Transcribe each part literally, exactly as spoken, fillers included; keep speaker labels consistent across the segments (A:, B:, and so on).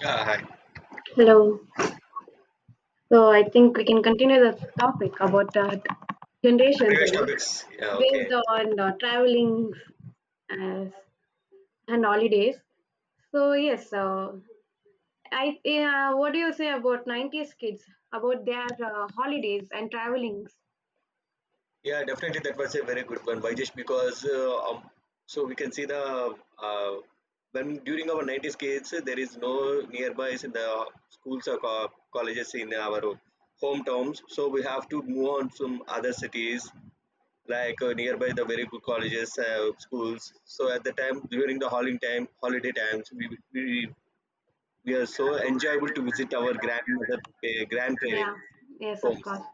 A: Yeah, hi.
B: Hello. So I think we can continue the topic about uh,
A: The
B: generations,
A: previous topics.
B: uh,
A: Yeah,
B: based
A: okay.
B: on uh, traveling as, and holidays. So yes, uh, I yeah, what do you say about nineties kids about their uh, holidays and travelings?
A: Yeah, definitely that was a very good one. Why? Just because uh, um, so we can see the uh, when during our nineties kids uh, there is no nearby in the schools or co- colleges in our hometowns. So we have to move on from other cities like uh, nearby the very good colleges, uh, schools. So at the time during the holiday time, holiday times, we we, we are so enjoyable to visit our grandmother, uh,
B: Yeah.
A: grandparents'
B: Yes, of
A: homes.
B: course.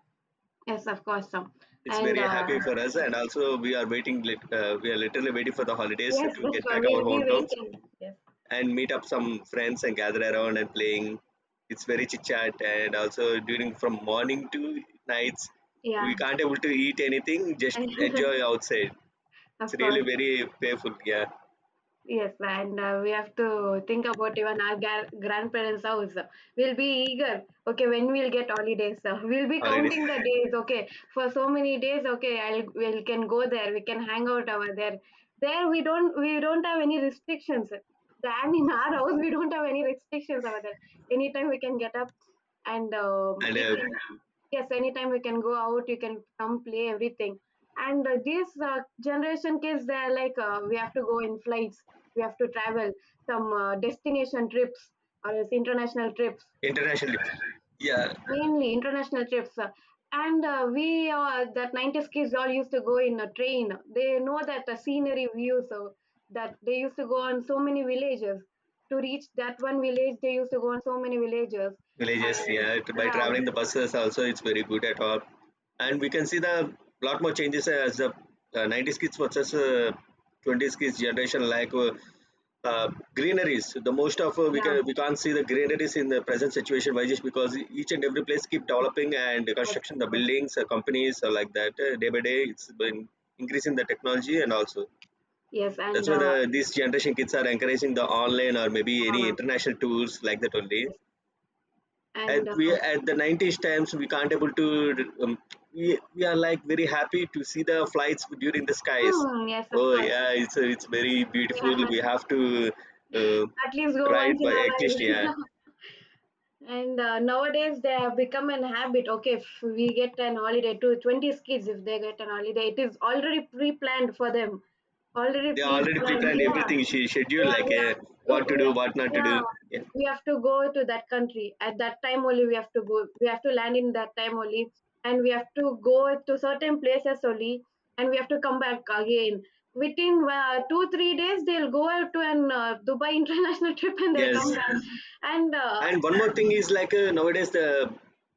B: Yes, of course. So.
A: It's
B: And
A: very
B: uh,
A: happy for us, and also we are waiting. Lit- Uh, we are literally waiting for the holidays
B: yes,
A: to
B: that's
A: get
B: why
A: back our
B: we'll be
A: hometowns
B: waiting. Yes.
A: and meet up some friends and gather around and playing. It's very chit chat, and also during from morning to nights, we
B: Yeah.
A: can't able to eat anything. Just enjoy outside. It's
B: Of
A: really
B: course.
A: very payful. Yeah,
B: Yes, and uh, we have to think about even our gar- grandparents' house. We'll be eager. Okay, when we'll get holidays, uh, we'll be
A: holidays
B: counting the days. Okay, for so many days. Okay, I'll we can go there. We can hang out over there. There we don't we don't have any restrictions. Than in our house, we don't have any restrictions over there. Anytime we can get up, and um,
A: and
B: you
A: uh,
B: can yes, anytime we can go out. You can come play everything. And uh, this uh, generation kids, they're like uh, we have to go in flights, we have to travel some uh, destination trips or else international trips,
A: international trips. Yeah,
B: mainly international trips, uh, and uh, we uh, that nineties kids all used to go in a train. They know that the scenery views, so that they used to go on so many villages. To reach that one village they used to go on so many villages
A: villages,
B: and
A: yeah, it- by
B: yeah.
A: traveling the buses also, it's very good at all. And we can see the lot more changes as the uh, nineties kids versus uh, twenties kids generation like uh, uh, greeneries. The most of uh, we
B: Yeah,
A: can
B: of
A: we can't see the greeneries in the present situation. Why? Just because each and every place keep developing and
B: course,
A: construction
B: of
A: the
B: course.
A: buildings uh, companies uh, like that uh, day by day it's been increasing the technology. And also,
B: Yes, and
A: that's why the
B: uh,
A: these generation kids are encouraging the online or maybe any
B: uh,
A: international tours like that only.
B: yes.
A: at
B: And
A: we
B: uh,
A: at the nineties times we can't able to, um, we, we are like very happy to see the flights during the skies.
B: hmm, yes, of
A: Oh
B: course,
A: yeah, it's uh, it's very beautiful.
B: yeah.
A: We have to uh,
B: At least go
A: ride
B: once in
A: by
B: a
A: at least. Yeah,
B: while. And uh, nowadays they have become an habit. Okay, if we get an holiday to twenty kids, if they get an holiday, it is already pre-planned for them. Already
A: they already
B: pre-planned.
A: pre-planned
B: Yeah,
A: everything, she scheduled
B: yeah,
A: like
B: we
A: uh,
B: have, uh,
A: what to
B: we
A: do,
B: have,
A: what not to do.
B: yeah,
A: Yeah,
B: we have to go to that country at that time only. We have to go. We have to land in that time only, and we have to go to certain places only, and we have to come back again. Within uh, two three days, they'll go out to an uh, Dubai international trip and they'll come
A: yes,
B: back. And uh,
A: and one more thing is like uh, nowadays the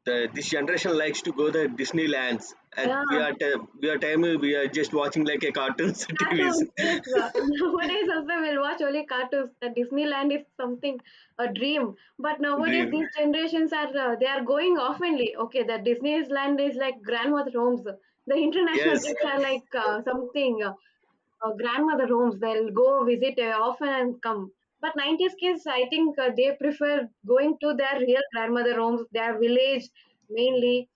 A: the, this generation likes to go the Disneylands, and we
B: yeah.
A: are t- we are time we are just watching like a cartoons T Vs.
B: Cartoons, yes. uh, Nowadays also we'll watch only cartoons. The Disneyland is something a dream. But nowadays
A: Dream.
B: these generations are uh, they are going oftenly. Okay, the Disneyland is like grandmother homes. The international
A: Yes,
B: kids are like uh, something uh, uh, grandmother homes. They'll go visit uh, often and come. But nineties kids, I think uh, they prefer going to their real grandmother homes, their village mainly,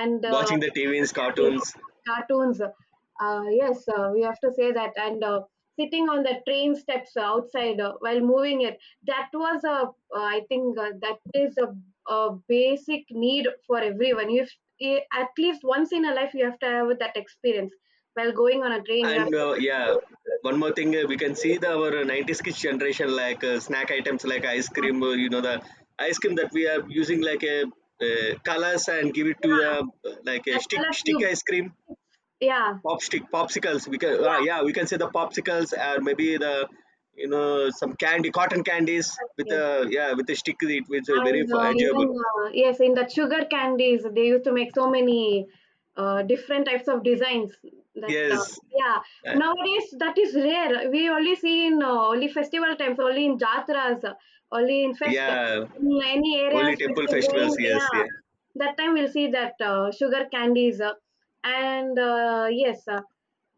B: and uh,
A: watching the T Vs,
B: in
A: cartoons,
B: cartoons. Uh, yes, uh, we have to say that. And uh, sitting on the train steps outside uh, while moving it, that was a, uh, I think uh, that is a, a basic need for everyone. You eh, at least once in a life, you have to have that experience. While going on a train, you have
A: and uh, yeah,
B: to,
A: one more thing uh, we can see the our uh, nineties kids generation like uh, snack items like ice cream. Uh, you know the ice cream that we are using like a uh, colors and give it to the
B: yeah,
A: uh, like a
B: the
A: stick
B: color
A: stick
B: tube.
A: ice cream,
B: Yeah,
A: pop stick popsicles. We can uh,
B: yeah,
A: yeah we can say the popsicles, or maybe the you know some candy cotton candies with
B: yes.
A: a, yeah, with a stick. It was uh, very
B: And
A: fu-
B: uh,
A: enjoyable.
B: even uh, yes, in the sugar candies, they used to make so many uh, different types of designs. That uh,
A: Yes,
B: yeah,
A: uh,
B: nowadays that is rare. We only see in uh, only festival times, only in jatras, uh, only in fest,
A: yeah,
B: in any areas
A: holy
B: fest
A: temple
B: is
A: festivals.
B: going.
A: Yes, yeah.
B: Yeah, that time we'll see that uh, sugar candies, uh, and uh, yes. Uh,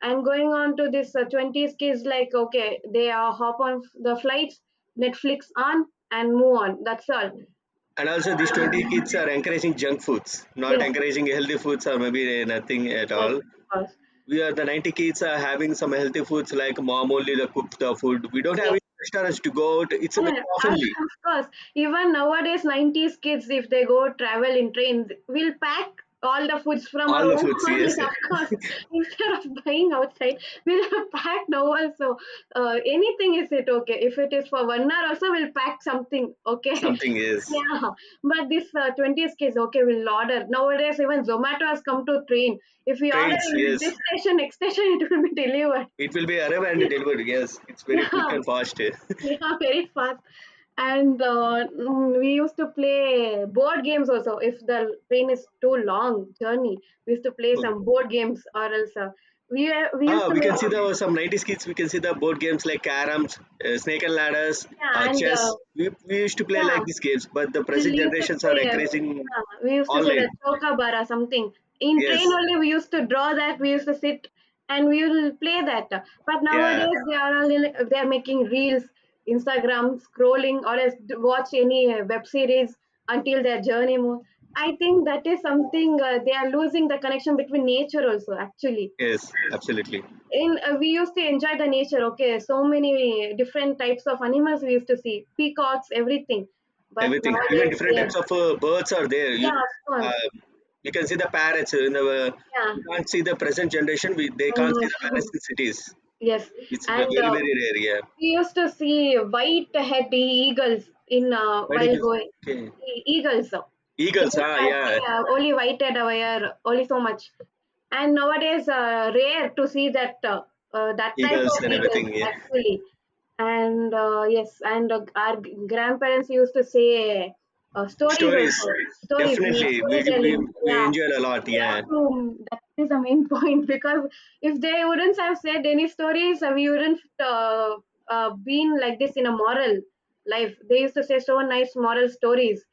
B: and going on to this uh, twenties kids like okay they uh, hop on the flights, Netflix on and move on, that's all.
A: And also, these twenty kids are encouraging junk foods, not
B: Yes, of
A: encouraging healthy foods, or maybe eh, nothing at
B: course,
A: all.
B: of course.
A: We are the ninety kids are having some healthy foods like mom only the cooked the food. We don't have
B: Yes,
A: any restaurants to go out. It's
B: and
A: very
B: uh,
A: oftenly
B: of course, even nowadays, nineties kids, if they go travel in trains, will pack all the foods from our
A: all the
B: own
A: foods.
B: wallet,
A: Yes, eh,
B: of course. Instead of buying outside, we'll pack now also. Uh, anything is it okay? If it is for one hour, also, we'll pack something, okay?
A: something, yes.
B: Yeah, but this uh, twenties kids, okay, we'll order. Nowadays, even Zomato has come to train. If we order
A: Trains,
B: in this
A: yes.
B: station, next station, it will be delivered.
A: It will be arrived and delivered. Yes, it's very quick
B: Yeah.
A: and fast.
B: Yeah, very fast. And uh, mm, we used to play board games also. If the train is too long journey, we used to play some board games or else uh, we we used
A: Ah,
B: to
A: we
B: make
A: can see the some nineties kids. We can see the board games like caroms, uh, snake and ladders, uh,
B: yeah and uh,
A: chess. We, we used to play
B: yeah.
A: like these games, but the
B: We
A: present
B: used to
A: generations are
B: say, uh,
A: encouraging
B: yeah, we used to say
A: online.
B: that chokabara something. In train
A: Yes,
B: only we used to draw that. We used to sit and we will play that. But
A: yeah,
B: nowadays they are all in, they are making reels, Instagram scrolling, or else d- watch any uh, web series until their journey move. I think that is something uh, they are losing the connection between nature also. Actually,
A: yes, absolutely.
B: in uh, we used to enjoy the nature. Okay, so many different types of animals we used to see, peacocks, everything. But
A: Everything, even
B: nowadays,
A: different
B: yes.
A: types of uh, birds are there.
B: Yeah,
A: You
B: swans.
A: uh, you can see the parrots in the. Uh,
B: Yeah.
A: you can't see the present generation. We, they can't
B: Uh,
A: see the parrots in cities.
B: yes.
A: It's ve-
B: And
A: very
B: uh,
A: very rare. Yeah.
B: we used to see white-headed eagles in uh,
A: Why do
B: while
A: you,
B: going.
A: okay.
B: E- Eagles. uh, They
A: Eagles,
B: used
A: ah,
B: to have
A: yeah,
B: yeah, only white headed aware, only so much. And nowadays, uh, rare to see that uh, uh, that type
A: eagles
B: of
A: and
B: eagles
A: everything. Yeah.
B: actually. And uh, yes, and uh, our grandparents used to say uh, stories also,
A: Stories,
B: stories, made
A: definitely. We, we,
B: storytelling.
A: we
B: Yeah,
A: enjoyed a lot, yeah.
B: classroom. That is the main point because if they wouldn't have said any stories, uh, we wouldn't uh, uh, been like this in a moral life. They used to say so nice moral stories.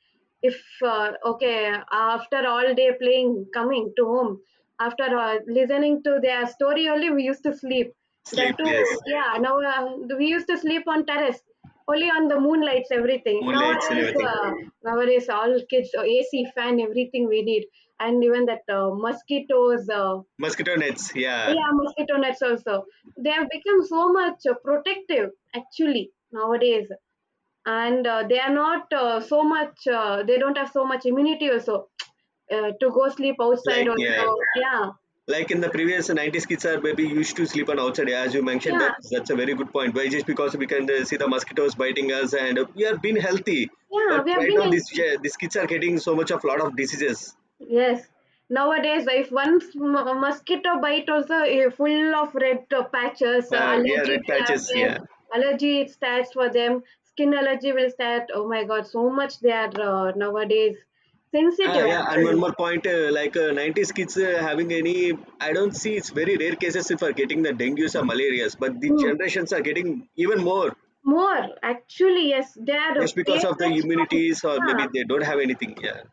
B: If uh, okay, after all day playing, coming to home, after uh, listening to their story only, we used to sleep. That
A: Sleep,
B: too,
A: yes.
B: yeah. Now uh, we used to sleep on terrace, only on the moonlights, everything.
A: Moonlights and
B: Nowadays,
A: everything.
B: uh, nowadays all kids, uh, A C, fan, everything we need and even that uh, mosquitoes uh,
A: Mosquito nets, yeah.
B: yeah mosquito nets also they have become so much uh, protective actually nowadays, and uh, they are not uh, so much uh, they don't have so much immunity also uh, to go sleep outside
A: Like, yeah.
B: also. Yeah,
A: Like in the previous nineties kids are maybe used to sleep on outside. Yeah, as you mentioned,
B: yeah,
A: that that's a very good point. Why? Just because we can uh, see the mosquitoes biting us, and uh, we are being healthy.
B: yeah,
A: But
B: we have
A: right
B: been
A: now, these,
B: healthy.
A: these kids are getting so much of lot of diseases.
B: Yes. Nowadays, if one s- mosquito bite also eh, full of red uh, patches, uh,
A: Uh, yeah,
B: allergy
A: red
B: will
A: patches,
B: happen,
A: yeah.
B: allergy starts for them, skin allergy will start. Oh my God, so much they are uh, nowadays
A: Ah,
B: sensitive
A: yeah, and one
B: actually.
A: more point, uh, like uh, nineties kids uh, having any, I don't see, it's very rare cases if are getting the dengues or malarias, but the
B: Mm.
A: generations are getting even more
B: More actually, yes, they are uh,
A: just because of the
B: platelets count.
A: immunities, or
B: Yeah,
A: maybe they don't have anything. Yeah,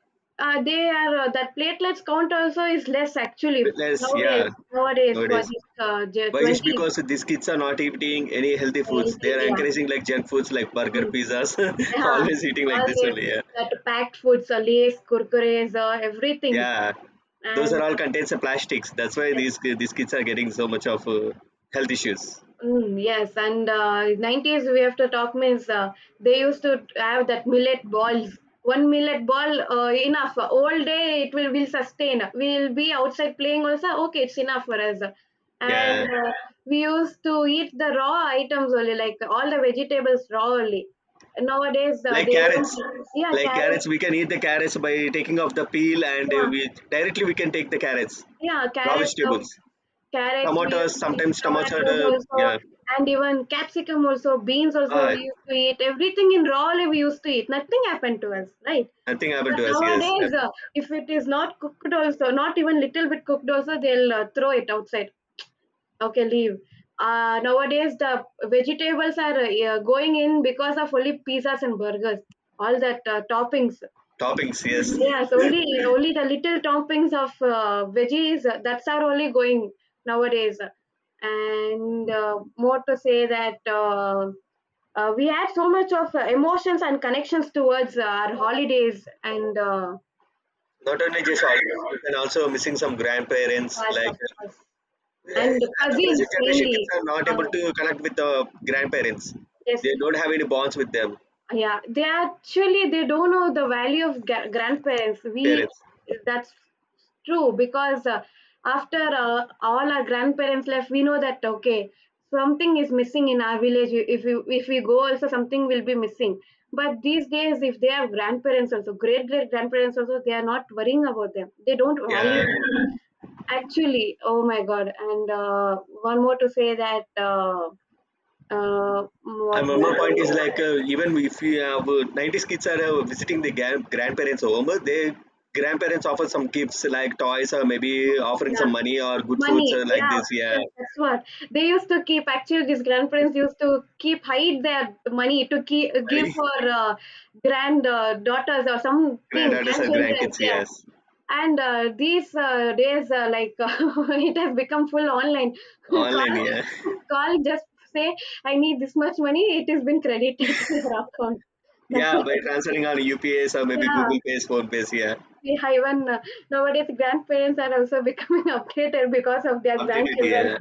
B: uh, they are uh, that platelets count also is less actually
A: but less, yeah,
B: nowadays. Nowadays for
A: nowadays.
B: this uh,
A: Why? Just
B: twenty,
A: because these kids are not eating any healthy foods. They are
B: yeah.
A: encouraging like junk foods like burger,
B: Mm.
A: pizzas,
B: Yeah,
A: always eating like
B: all
A: this
B: the
A: only. Yeah,
B: that packed foods, uh, Lays, Kurkures, uh, everything.
A: yeah. Those
B: And
A: are all
B: uh,
A: contains of plastics. That's why
B: yes,
A: these these kids are getting so much of uh, health issues.
B: mm, yes, and uh, nineties we have to talk means uh, they used to have that millet balls. One millet ball uh, enough. All day it will will sustain. We'll be outside playing also. Okay, it's enough for us. And
A: Yeah.
B: uh, we used to eat the raw items only, like all the vegetables raw only. Nowadays uh,
A: Like
B: they
A: carrots,
B: won't. Yeah,
A: like carrots
B: carrots.
A: we can eat the carrots by taking off the peel, and uh,
B: Yeah,
A: we directly we can take the carrots,
B: yeah,
A: raw
B: carrots. um,
A: vegetables,
B: Carrots we used
A: tomatoes,
B: to eat,
A: sometimes tomatoes,
B: tomatoes
A: uh,
B: also,
A: yeah.
B: and even capsicum also, beans also we
A: Ah,
B: used to eat. Everything in raw only we used to eat. Nothing happened to us, right?
A: nothing happened
B: But
A: to us, yes. Uh,
B: nowadays, uh, if it is not cooked also, not even little bit cooked also, they'll uh, throw it outside. Okay, leave. Uh, nowadays, the vegetables are uh, going in because of only pizzas and burgers, all that uh, toppings.
A: toppings, yes.
B: Yes, only only the little toppings of uh, veggies. uh, That's our only going nowadays. And uh, more to say that uh, uh, we had so much of uh, emotions and connections towards uh, our holidays and uh,
A: Not only just all, you can also missing some grandparents
B: us,
A: like
B: of course,
A: uh,
B: and
A: the
B: cousins
A: present generation kids
B: mainly.
A: are not able
B: Uh,
A: to connect with the grandparents.
B: yes,
A: They don't have any bonds with them,
B: yeah, they actually they don't know the value of gra- grandparents. We
A: parents.
B: that's true because uh, after uh, all our grandparents left, we know that okay, something is missing in our village. If we if we go, also something will be missing. But these days, if they have grandparents also, great great grandparents also, they are not worrying about them. They don't value
A: Yeah.
B: them. Actually. Oh my God! And uh, one more to say that uh, uh, what
A: And one more
B: more?
A: point is like uh, even if you have uh, nineties kids are uh, visiting the gran- grandparents home, uh, they grandparents offer some gifts like toys or maybe offering some money or good foods
B: Money,
A: or like
B: yeah,
A: this. Yeah,
B: that's what they used to keep. Actually, these grandparents
A: it's
B: used to keep hide their money to keep, give
A: money.
B: for uh, grand uh, daughters or something,
A: Granddaughters or
B: grandchildren.
A: grandkids,
B: Yeah,
A: yes,
B: and uh, these uh, days, uh, like it has become full online.
A: online.
B: Call,
A: Yeah,
B: call, just say I need this much money. It has been credited to your account.
A: yeah, by transferring on U P S, or
B: No,
A: maybe
B: yeah.
A: Google Pays, Phone Pays. Yeah,
B: Yeah, even uh, nowadays, grandparents are also becoming updated because of their
A: updated.
B: grandchildren.
A: Yeah,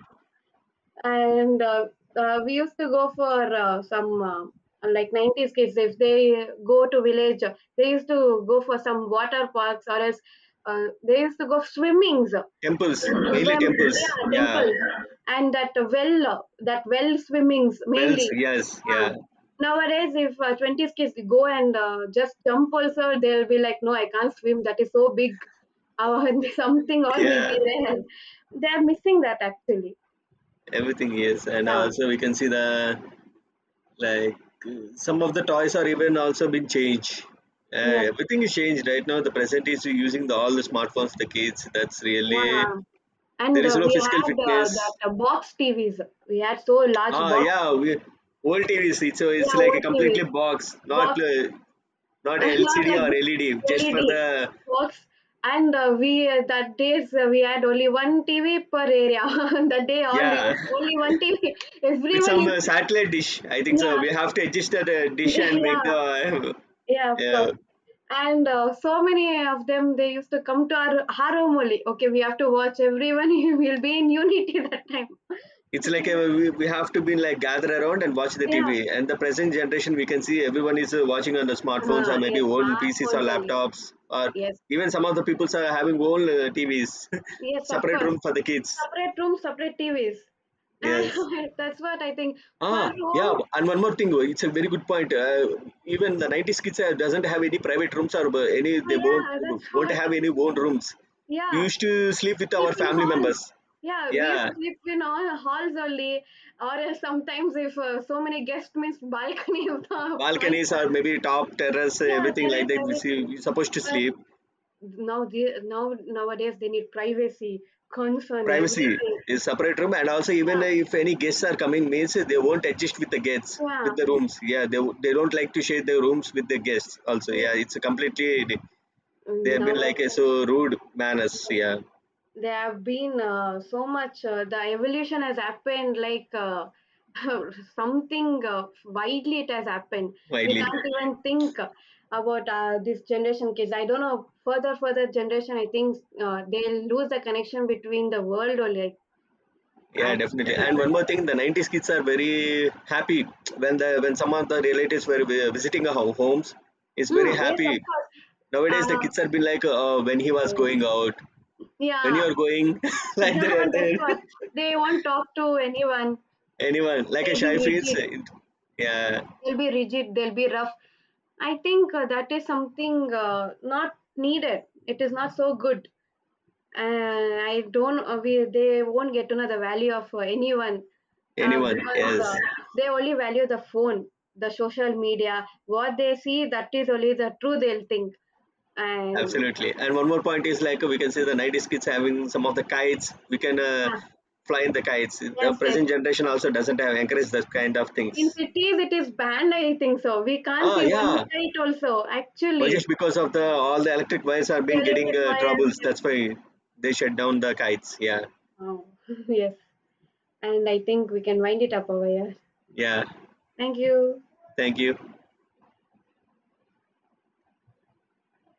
B: And uh, uh, we used to go for uh, some uh, like nineties kids if they go to village uh, they used to go for some water parks or else uh, they used to go swimmings, uh,
A: temples, mainly
B: swim,
A: temples.
B: yeah,
A: Yeah,
B: temples and that well uh, that well swimmings
A: wells.
B: mainly.
A: Yes,
B: uh,
A: yeah,
B: Nowadays if uh, twenties kids go and uh, just jump also they'll be like no, I can't swim, that is so big. uh, Something all will
A: yeah,
B: be there, they are missing that actually.
A: everything. Yes, and
B: Yeah,
A: also we can see the, like, some of the toys are even also been changed, uh,
B: yes,
A: everything is changed right now. The present is using the all the smartphones, the kids. That's really
B: yeah. And
A: there is
B: uh,
A: no
B: we
A: physical
B: had uh,
A: fitness.
B: that uh, box T Vs. We had so large
A: Ah,
B: box
A: yeah, we,
B: T Vs.
A: old TVs, it's, so it's
B: Yeah,
A: like
B: old
A: a completely
B: T Vs.
A: box, not
B: Box,
A: uh, not
B: not
A: LCD
B: like
A: or
B: this
A: LED, just for the,
B: L E D box. And uh, we, uh, that days, uh, we had only one T V per area. That day, all
A: yeah.
B: used only one T V.
A: With
B: Everyone
A: some
B: used
A: uh, satellite dish, I think so
B: yeah,
A: we have to adjust the uh, dish and make
B: yeah,
A: the
B: yeah, of course.
A: uh,
B: And uh, so many of them, they used to come to our, our home only. Okay, we have to watch everyone. We'll be in unity that time.
A: it's like uh we, we have to be like gather around and watch the T V.
B: Yeah.
A: And the present generation, we can see everyone is uh, watching on the smartphones,
B: Uh,
A: or maybe
B: yes,
A: own P Cs or
B: smartphones only.
A: laptops, or
B: Yes.
A: even some of the people are having own uh, T Vs,
B: Yes, of
A: separate
B: course.
A: room for the kids.
B: Separate rooms, separate T Vs.
A: Yes.
B: That's what I think. Per
A: Ah, yeah.
B: room,
A: And one more thing, it's a very good point. Uh, even the nineties kids uh, doesn't have any private rooms or uh, any
B: oh
A: they won't
B: yeah, that's
A: won't
B: what.
A: have any own rooms. We
B: Yeah,
A: used to sleep with
B: sleep
A: our
B: in
A: family
B: halls.
A: members.
B: Yeah, we
A: Yeah,
B: used to sleep in all halls only, or else sometimes if uh, so many guests means balcony is the point
A: balconies
B: for us.
A: or maybe top terrace,
B: Yeah,
A: everything like
B: terrace,
A: that we see
B: everything.
A: we supposed to
B: But
A: sleep
B: now, the, now nowadays they need privacy concern,
A: privacy,
B: everything.
A: is separate room. And also, even
B: Yeah,
A: if any guests are coming means they won't adjust with the guests
B: yeah.
A: with the rooms. Yeah, they, they don't like to share their rooms with the guests also.
B: Yeah.
A: Yeah, it's a completely they have been
B: Now,
A: like a so rude manners,
B: yeah,
A: yeah,
B: there have been uh, so much uh, the evolution has happened like uh, something uh, widely it has happened. We
A: widely.
B: can't even think about uh, this generation kids. I don't know further further generation. I think uh, they'll lose the connection between the world or like
A: Yeah, definitely,
B: actually.
A: and one more thing, the nineties kids are very happy when the when some of the relatives were vi- visiting our homes. Is very
B: Mm, yes,
A: happy
B: of course.
A: nowadays, the
B: uh,
A: kids have been like uh, when he was
B: uh,
A: going out, when
B: yeah.
A: you're going like
B: Yeah,
A: the,
B: that's what,
A: the
B: they won't talk to anyone.
A: anyone like a
B: They'll be
A: shy face,
B: rigid,
A: uh, yeah,
B: they'll be rigid, they'll be rough. I think uh, that is something uh, not needed, it is not so good. Uh, I don't uh, we, They won't get to know the value of uh, anyone uh,
A: anyone,
B: because uh,
A: yes.
B: they only value the phone, the social media, what they see that is only the true they'll think. And
A: Absolutely. And one more point is like we can see the nineties kids having some of the kites. We can uh,
B: yeah,
A: fly in the kites.
B: yes,
A: The
B: yes,
A: present generation also doesn't have encouraged that kind of
B: in
A: things.
B: cities it is banned, I think, so we can't
A: Ah,
B: see one
A: yeah,
B: side also
A: but
B: actually.
A: just because of the all the electric wires are
B: Real
A: being getting
B: estate
A: uh,
B: lawyers,
A: troubles.
B: yes.
A: That's why they shut down the kites. Yeah,
B: Oh, yes. And I think we can wind it up over here.
A: yeah,
B: Thank you.
A: thank you.